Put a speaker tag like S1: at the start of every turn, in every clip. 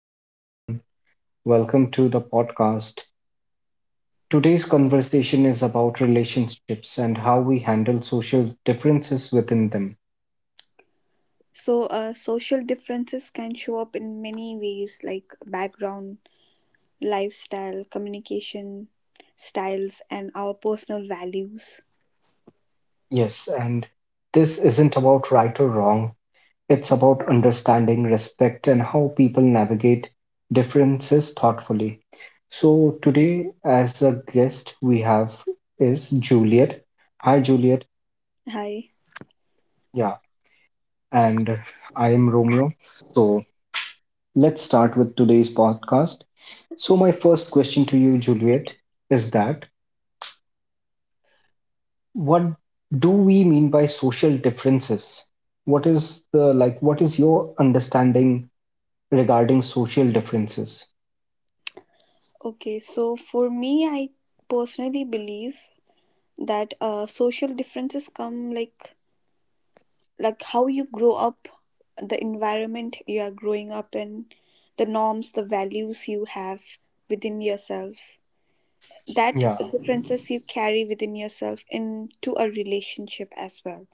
S1: Hello, everyone. Welcome to the podcast. Today's conversation is about relationships and how we handle social differences within them.
S2: So, social differences can show up in many ways like background, lifestyle, communication styles, and our personal values.
S1: Yes, and this isn't about right or wrong, it's about understanding, respect, and how people navigate differences thoughtfully. So,
S2: Yes.
S1: today, as a guest, we have is Juliet. Hi, Juliet.
S2: Hi.
S1: Yeah, and I am Romeo. So, let's start with today's podcast. So, my first question to you, Juliet, is that what do we mean by social differences? What is the like, what is your understanding regarding social differences?
S2: Okay, so for me, I personally believe that social differences come like how you grow up, the environment you are growing up in, the norms, the values you have within yourself, that
S1: Yeah,
S2: differences you carry within yourself into a relationship as well.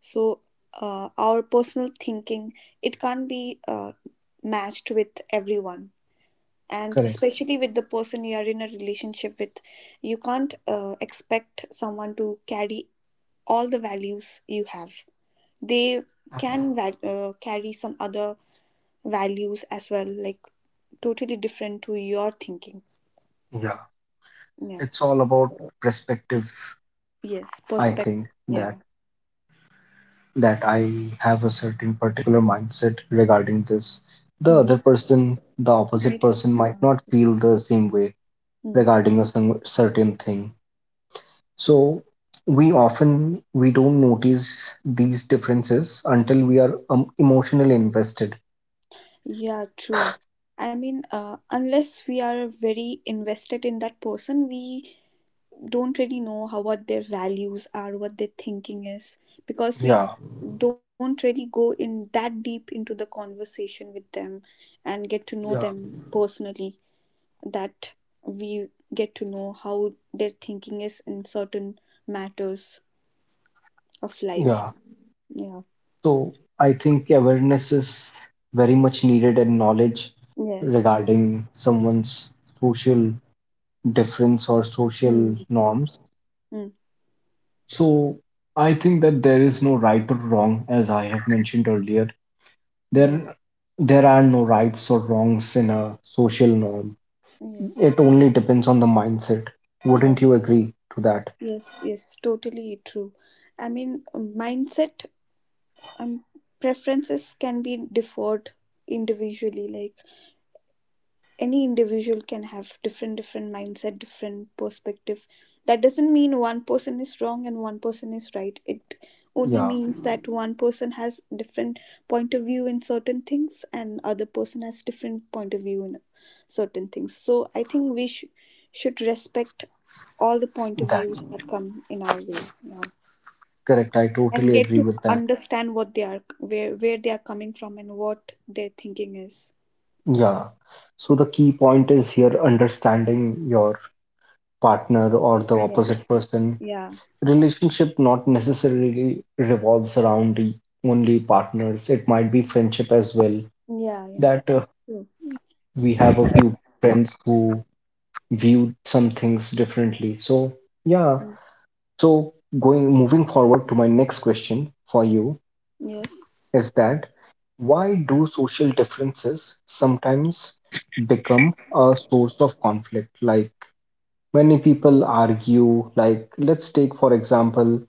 S2: So our personal thinking, it can't be matched with everyone, and
S1: correct.
S2: especially with the person you are in a relationship with. You can't expect someone to carry all the values you have. They can carry some other values as well, like totally different to your thinking.
S1: Yeah,
S2: Yeah.
S1: it's all about perspective.
S2: Yes,
S1: I
S2: perspective,
S1: think
S2: yeah.
S1: that I have a certain particular mindset regarding this. The
S2: Hmm.
S1: other person, the
S2: Might
S1: opposite
S2: have.
S1: person, might
S2: Yeah.
S1: not feel the same way
S2: Mm.
S1: regarding a some certain thing. So we often we don't notice these differences until we are emotionally invested.
S2: Yeah, true. I mean, unless we are very invested in that person, we don't really know how what their values are, what their thinking is, because we
S1: Yeah,
S2: don't really go in that deep into the conversation with them and get to know
S1: yeah,
S2: them personally. That we get to know how their thinking is in certain matters of life.
S1: yeah.
S2: Yeah.
S1: So I think awareness is very much needed, and knowledge
S2: Yes.
S1: regarding someone's social difference or social
S2: Mm.
S1: norms.
S2: Mm.
S1: So I think that there is no right or wrong, as I have mentioned earlier.
S2: Yes.
S1: There there are no rights or wrongs in a social norm.
S2: Yes.
S1: It only depends on the mindset.
S2: Yes.
S1: Wouldn't you agree to that?
S2: Yes, yes, totally true. I mean, mindset, um, preferences can be differed individually. Like any individual can have different, different mindset, different perspective. That doesn't mean one person is wrong and one person is right. It only
S1: Yeah,
S2: means that one person has different point of view in certain things and other person has different point of view in certain things. So I think should respect all the point of
S1: that.
S2: views that come in our way. Yeah.
S1: Correct. I
S2: And
S1: totally
S2: get
S1: agree
S2: to
S1: with that.
S2: understand what they are, where they are coming from and what their thinking is.
S1: Yeah. So the key point is here understanding your partner or the opposite
S2: Yes,
S1: person.
S2: yeah.
S1: Relationship not necessarily revolves around the only partners. It might be friendship as well.
S2: Yeah, yeah,
S1: That
S2: true.
S1: we have a few friends who view some things differently. So, yeah.
S2: Mm.
S1: So going moving forward to my next question for you
S2: Yes.
S1: is that why do social differences sometimes become a source of conflict? Like many people argue, like let's take for example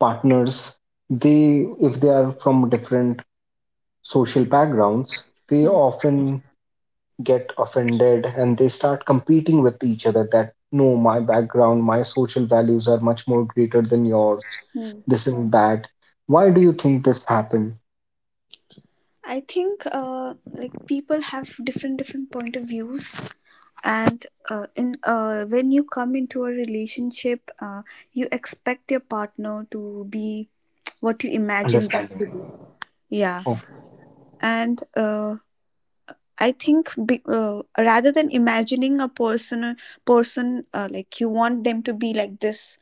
S1: partners, they if they are from different social backgrounds, they
S2: Hmm.
S1: often get offended and they start competing with each other that no, my background, my social values are much more greater than yours,
S2: Hmm.
S1: this and that. Why do you think this happen?
S2: I think like people have different, different point of views, and in when you come into a relationship, you expect your partner to be what you imagine them
S1: Understanding.
S2: to be, yeah.
S1: Oh,
S2: And I think rather than imagining a person, like you want them to be like this,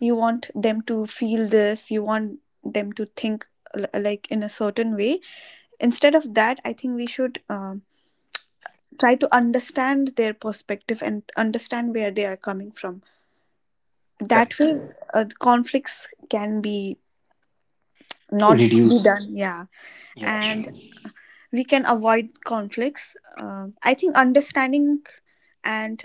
S2: you want them to feel this, you want them to think like in a certain way. Instead of that, I think we should try to understand their perspective and understand where they are coming from. That
S1: correct.
S2: way, conflicts can be not be
S1: Reduce.
S2: done. Yeah,
S1: Yeah.
S2: and we can avoid conflicts. I think understanding and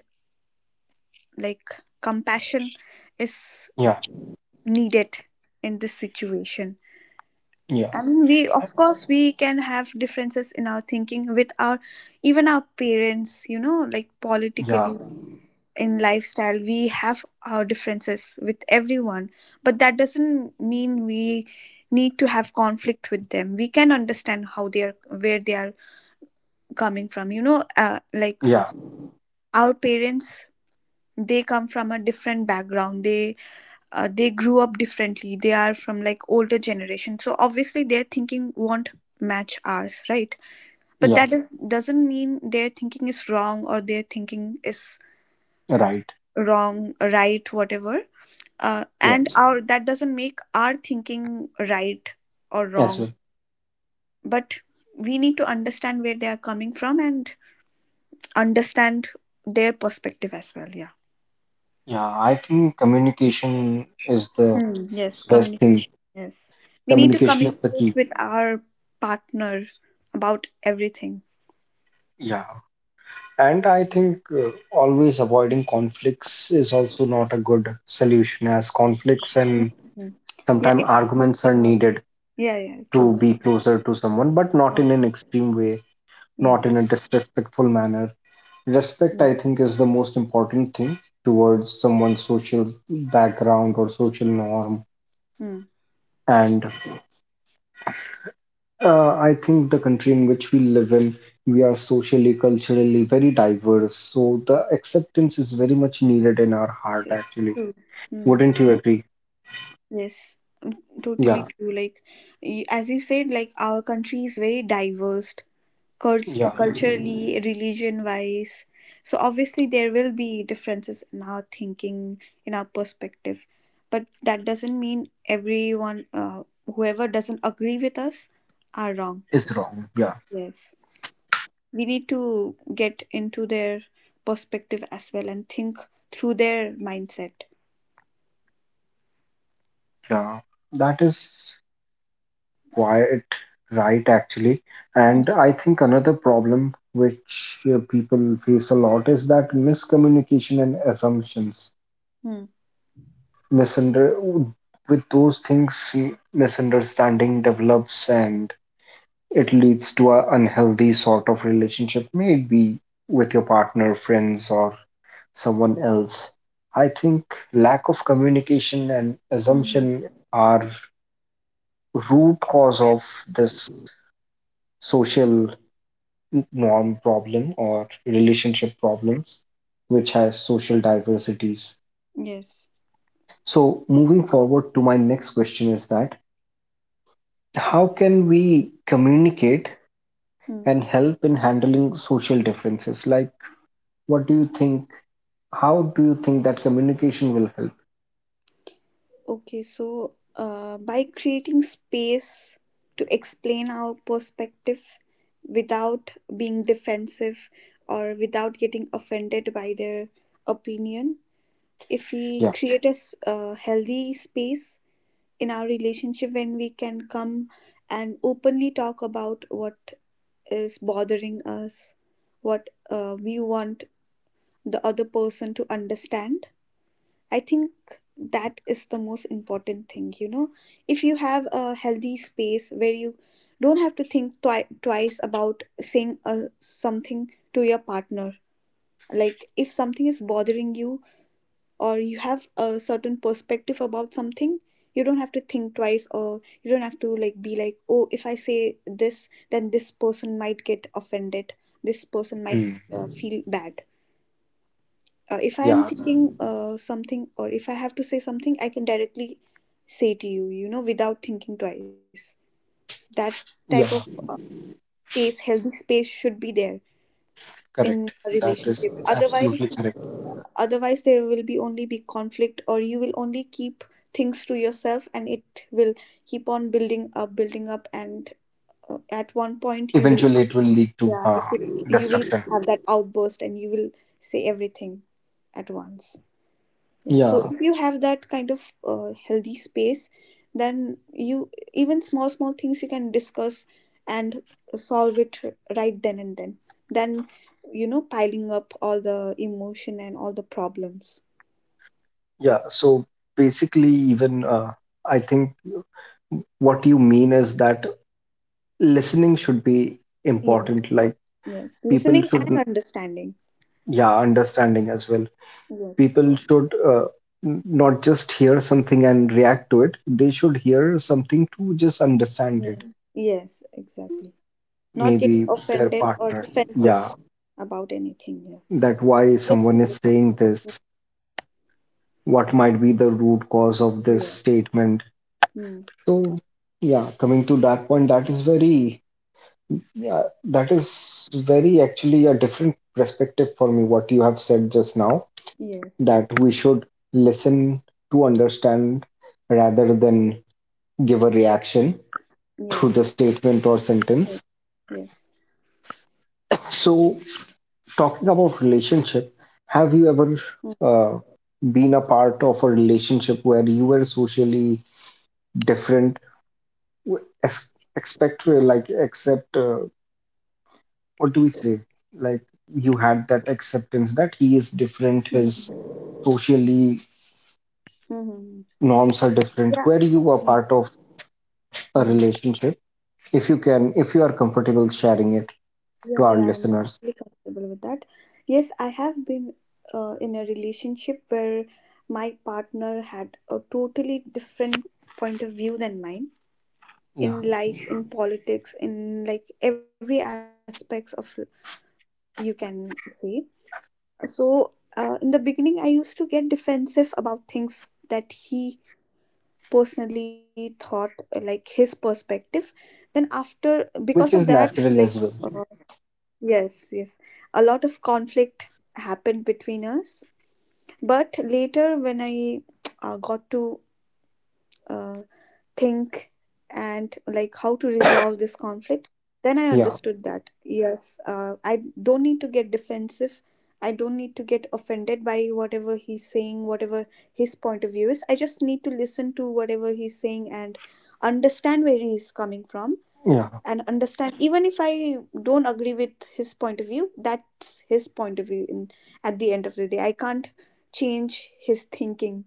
S2: like compassion is
S1: Yeah,
S2: needed in this situation.
S1: yeah,
S2: I mean, we, of course, we can have differences in our thinking with our even our parents, you know, like
S1: yeah,
S2: politically, in lifestyle, we have our differences with everyone, but that doesn't mean we need to have conflict with them. We can understand how they are, where they are coming from, like
S1: yeah,
S2: our parents, they come from a different background. They they grew up differently. They are from like older generation, so obviously their thinking won't match ours, right? But
S1: yeah,
S2: that is doesn't mean their thinking is wrong or their thinking is
S1: right.
S2: wrong, right, whatever.
S1: Yeah,
S2: And our, that doesn't make our thinking right or
S1: as
S2: wrong,
S1: well.
S2: but we need to understand where they are coming from and understand their perspective as well, yeah.
S1: Yeah, I think communication is the
S2: Hmm, yes,
S1: best thing.
S2: communication. Yes. We need to
S1: Communication is the
S2: communicate
S1: key.
S2: with our partner about everything.
S1: Yeah, and I think always avoiding conflicts is also not a good solution, as conflicts and
S2: Mm. Yeah,
S1: sometimes
S2: it happens.
S1: arguments are
S2: Yeah,
S1: needed
S2: yeah, yeah,
S1: to
S2: true.
S1: be closer to someone, but not
S2: Oh,
S1: in an extreme way,
S2: yeah.
S1: not in a disrespectful manner. Respect,
S2: Mm.
S1: I think, is the most important thing towards someone's social background or social norm.
S2: Mm.
S1: And I think the country in which we live in, we are socially, culturally very diverse. So the acceptance is very much needed in our heart,
S2: Yes, yes,
S1: actually.
S2: true. Mm.
S1: Wouldn't you agree?
S2: Yes, totally
S1: Yeah,
S2: true. Like, as you said, like, our country is very diverse,
S1: yeah,
S2: culturally, religion wise. So, obviously, there will be differences in our thinking, in our perspective. But that doesn't mean everyone, whoever doesn't agree with us, are wrong.
S1: it's wrong. Yeah,
S2: Yes. We need to get into their perspective as well and think through their mindset.
S1: yeah. That is quite right, actually. And I think another problem which people face a lot is that miscommunication and assumptions.
S2: Mm-hmm.
S1: Misunder With those things, misunderstanding develops and it leads to an unhealthy sort of relationship, maybe with your partner, friends, or someone else. I think lack of communication and
S2: Mm-hmm.
S1: assumption are root cause of this social norm problem or relationship problems which has social diversities.
S2: Yes.
S1: So, moving forward to my next question is that how can we communicate
S2: Mm.
S1: and help in handling social differences? Like, what do you think? How do you think that communication will help?
S2: Okay, so by creating space to explain our perspective without being defensive or without getting offended by their opinion, if we
S1: Yeah.
S2: create a healthy space in our relationship when we can come and openly talk about what is bothering us, what we want the other person to understand, I think that is the most important thing, you know. If you have a healthy space where you don't have to think twice about saying something to your partner, like if something is bothering you or you have a certain perspective about something, you don't have to think twice, or you don't have to like be like, oh, if I say this, then this person might get offended. This person might
S1: Mm.
S2: feel bad. If I am
S1: Yeah.
S2: thinking something, or if I have to say something, I can directly say to you, you know, without thinking twice. That type of
S1: Yeah.
S2: uh, space healthy space should be there in
S1: Correct.
S2: a
S1: That is
S2: relationship. Otherwise,
S1: absolutely correct.
S2: otherwise there will be only be conflict, or you will only keep things to yourself, and it will keep on building up and at one point you will,
S1: Eventually, it will lead to
S2: yeah it will, you will
S1: destruction.
S2: have that outburst and you will say everything at once. Yeah, so
S1: Yeah.
S2: if you have that kind of healthy space, then you, even small, small things you can discuss and solve it right then and then, Then you know piling up all the emotion and all the problems.
S1: Yeah, so basically, even I think what you mean is that listening should be
S2: Yes,
S1: important. Like
S2: yes,
S1: people
S2: listening and
S1: should,
S2: understanding.
S1: yeah, understanding as well.
S2: Yes,
S1: People should not just hear something and react to it. They should hear something to just understand it.
S2: yes, yes, exactly. Not
S1: Maybe
S2: getting
S1: their
S2: offended or
S1: partners.
S2: defensive
S1: Yeah,
S2: about anything. Yeah,
S1: that why
S2: just,
S1: someone is saying this. What might be the root cause of this
S2: yeah,
S1: statement?
S2: mm,
S1: So, yeah, coming to that point, that is very yeah, that is very actually a different perspective for me, what you have said just now,
S2: yes,
S1: that we should listen to understand rather than give a reaction to
S2: yes,
S1: the statement or sentence.
S2: yes.
S1: So, talking about relationship, have you ever uh, been a part of a relationship where you were socially different, w- ex- expect like except what do we say? Like you had that acceptance that he is different, his socially
S2: Mm-hmm.
S1: norms are different.
S2: Yeah.
S1: Where you are
S2: Mm,
S1: part of a
S2: mm.
S1: relationship, if you can, if you are comfortable sharing it
S2: Yeah,
S1: to our
S2: yeah, I'm
S1: listeners,
S2: totally comfortable with that. Yes, I have been in a relationship where my partner had a totally different point of view than mine
S1: yeah,
S2: in life, in politics, in like every aspects of you can say. So, in the beginning, I used to get defensive about things that he personally thought, like his perspective. Then after, because of
S1: which is
S2: that, like,
S1: natural as well.
S2: yes, yes. A lot of conflict happened between us. But later, when I got to uh, think and like how to resolve this conflict, then I
S1: Yeah,
S2: understood that yes, I don't need to get defensive. I don't need to get offended by whatever he's saying, whatever his point of view is. I just need to listen to whatever he's saying and understand where he's coming from,
S1: yeah,
S2: and understand, even if I don't agree with his point of view, that's his point of view. In at the end of the day, I can't change his thinking,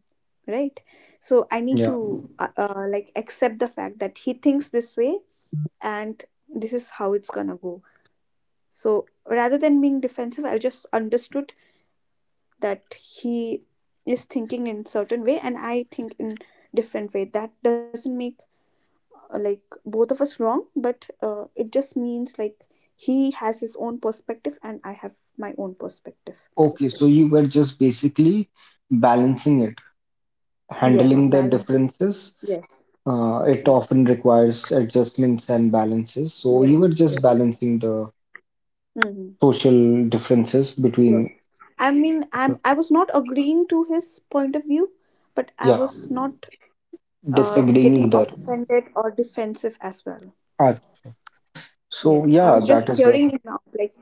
S2: right? So I need
S1: yeah.
S2: to like accept the fact that he thinks this way and this is how it's gonna go. So rather than being defensive, I just understood that he is thinking in certain way and I think in different way. That doesn't make like both of us wrong, but it just means like he has his own perspective and I have my own perspective.
S1: Okay, so you were just basically balancing it,
S2: Yes,
S1: handling the
S2: balance it.
S1: differences.
S2: Yes.
S1: It
S2: Mm.
S1: often requires adjustments and balances. So you
S2: Yes,
S1: were just
S2: yes,
S1: balancing the
S2: hmm,
S1: social differences between.
S2: yes. I mean, I was not agreeing to his point of view, but I
S1: Yeah,
S2: was not
S1: disagreeing
S2: getting
S1: either.
S2: offended or defensive as well.
S1: Ah, so
S2: Yes, I
S1: yeah,
S2: was
S1: that
S2: just
S1: is a
S2: hearing him out. like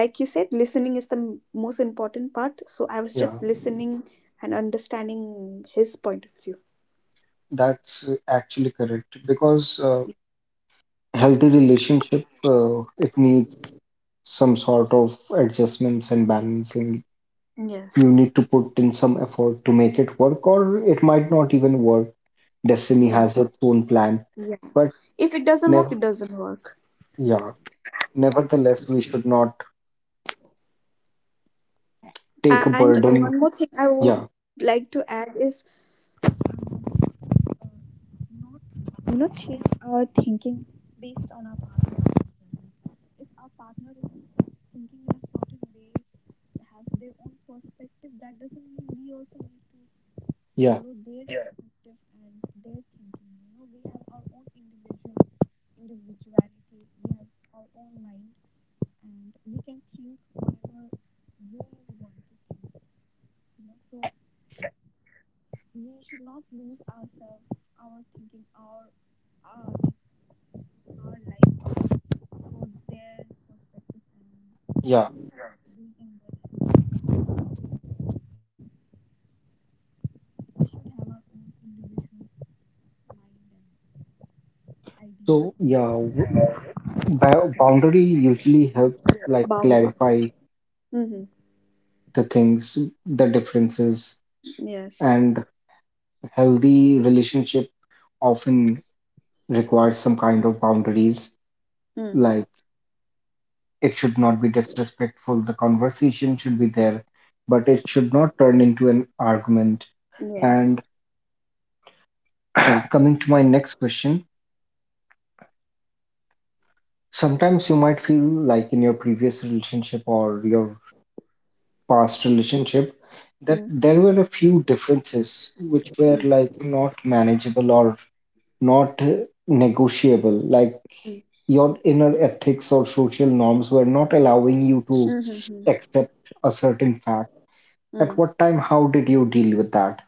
S2: like you said, listening is most important part, so I was
S1: yeah,
S2: just listening and understanding his point of view.
S1: that's actually correct because healthy relationship it needs some sort of adjustments and balancing. You need
S2: Yes.
S1: to put in some effort to make it work, or it might not even work. Destiny has its
S2: Yeah.
S1: own plan, but
S2: Yeah. If it
S1: never
S2: doesn't work, it doesn't work.
S1: yeah, nevertheless, we should not take a
S2: And
S1: burden.
S2: one more thing I
S1: Yeah,
S2: would like to add is, um, uh, not, you know, change our thinking based on our partner's perspective. If our partner is thinking in a certain way, have their own perspective, that doesn't mean we also need to
S1: yeah,
S2: follow their, yeah, perspective and their thinking. You know, we have our own individuality. We have our own mind, and we can think whatever we want to think, you know. So we should not lose ourselves, our thinking, our, our life for their perspective
S1: yeah.
S2: and being in their shoes. We should have our own individual mind and
S1: So yeah.
S2: ideas and,
S1: Boundary usually helps like
S2: yes,
S1: clarify
S2: boundaries. Mm-hmm.
S1: the things, the differences, and
S2: Yes.
S1: healthy relationship often requires some kind of boundaries. Like
S2: Mm.
S1: it should not be disrespectful. The conversation should be there, but it should not turn into an argument. And
S2: Yes.
S1: coming to my next question, sometimes you might feel like in your previous relationship or your past relationship that there were a
S2: Mm,
S1: few differences which were like
S2: mm,
S1: not manageable or not negotiable, like your
S2: mm,
S1: inner ethics or social norms were not allowing you to
S2: mm, hmm,
S1: accept
S2: mm,
S1: a certain fact. At what time,
S2: mm.
S1: how did you deal with that?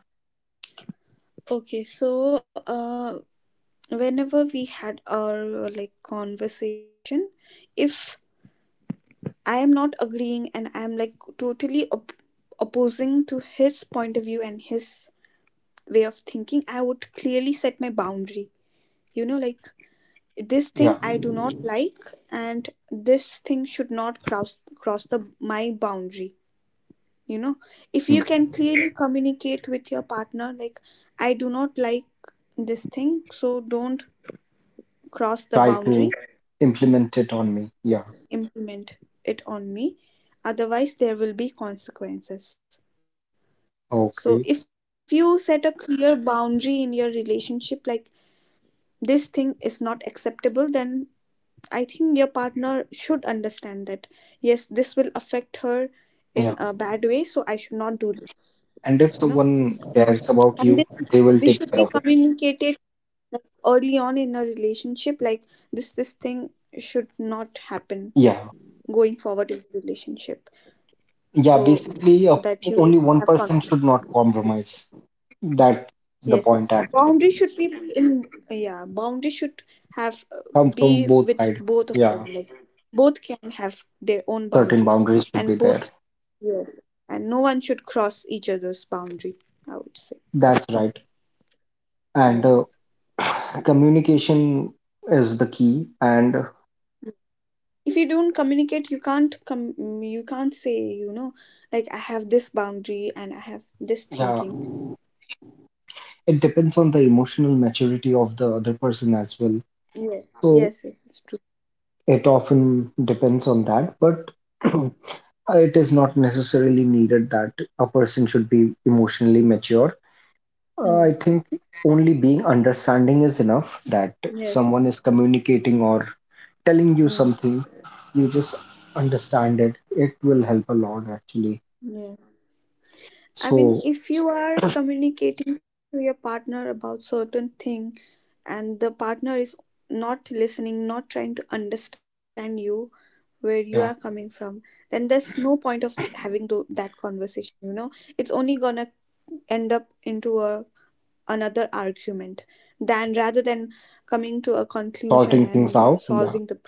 S2: Okay, so whenever we had our like conversation, if I am not agreeing and I am like totally opposing to his point of view and his way of thinking, I would clearly set my boundary, you know, like this thing
S1: Yeah.
S2: I do not like, and this thing should not cross the my boundary, you know. If
S1: Hmm.
S2: you can clearly communicate with your partner, like I do not like this thing, so don't cross the
S1: Try to
S2: boundary.
S1: implement it on me. Yeah,
S2: Yes, implement it on me. Otherwise, there will be consequences. So,
S1: okay,
S2: if you set a clear boundary in your relationship, like this thing is not acceptable, then I think your partner should understand that yes, this will affect her
S1: yeah.
S2: in a bad way, so I should not do this,
S1: And if
S2: you know.
S1: someone cares about
S2: And
S1: you,
S2: this
S1: they will
S2: this
S1: take
S2: should
S1: care
S2: be
S1: of it.
S2: communicated early on in a relationship, like this thing should not happen
S1: Yeah.
S2: going forward in the relationship.
S1: Yeah,
S2: So
S1: basically,
S2: that you won't
S1: only
S2: have
S1: one
S2: conflict.
S1: person should not compromise. That's the
S2: Yes, yes,
S1: point, actually.
S2: boundary should be in, yeah, boundary should have,
S1: Come
S2: be
S1: from
S2: with
S1: both sides.
S2: both of them,
S1: Yeah,
S2: like both can have their own
S1: certain
S2: boundaries
S1: boundaries should be
S2: and
S1: there.
S2: both, yes, and no one should cross each other's boundary, I would say.
S1: That's right. And
S2: Yes.
S1: communication is the key. And
S2: If you don't communicate, you can't com- you can't say, you know, like I have this boundary and I have this
S1: yeah,
S2: thinking.
S1: it depends on the emotional maturity of the other person as well.
S2: Yes,
S1: So
S2: yes, yes, it's true.
S1: it often depends on that, but it is not necessarily needed that a person should be emotionally mature. I think
S2: Mm.
S1: only being understanding is enough, that someone is
S2: Yes, yes.
S1: communicating or telling you something,
S2: Mm.
S1: you just understand it. It will help a lot actually.
S2: Yes.
S1: So,
S2: I mean, if you are communicating to your partner about certain thing and the partner is not listening, not trying to understand you, where you are
S1: yeah,
S2: coming from, then there's no point of having that conversation, you know? It's only gonna end up into a another argument, than rather than coming to a conclusion
S1: sorting
S2: and
S1: things out, yeah,
S2: solving the pro-.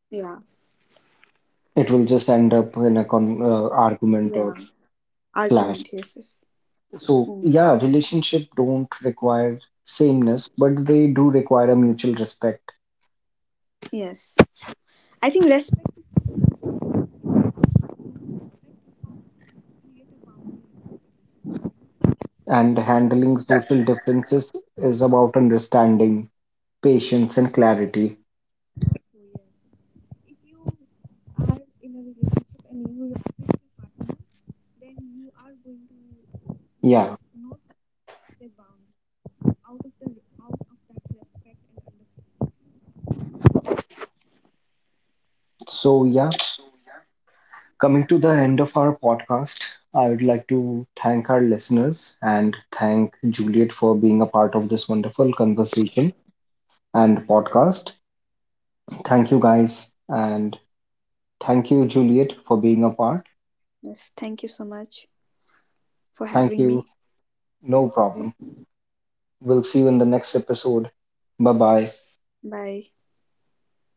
S2: Yeah,
S1: it will just end up in a con argument or
S2: yeah,
S1: clash.
S2: argument, yes, yes.
S1: So, yeah,
S2: Hmm.
S1: relationship don't require sameness, but they do require a mutual respect.
S2: Yes. I think respect is create a boundary in communication.
S1: And
S2: If
S1: handling
S2: you
S1: social
S2: respect, so
S1: differences is
S2: yes.
S1: about understanding, patience, and clarity.
S2: If you are in a relationship and you respect your partner, then you are going to
S1: Yeah.
S2: not, not cross their boundary out of the, out of that respect and understanding.
S1: So, yeah, coming to the end of our podcast, I would like to thank our listeners and thank Juliet for being a part of this wonderful conversation and podcast. Thank you, guys. And thank you, Juliet, for being a part.
S2: Yes, thank you so much
S1: Thank you.
S2: for having me.
S1: No problem. We'll see you in the next episode. Bye bye.
S2: Bye.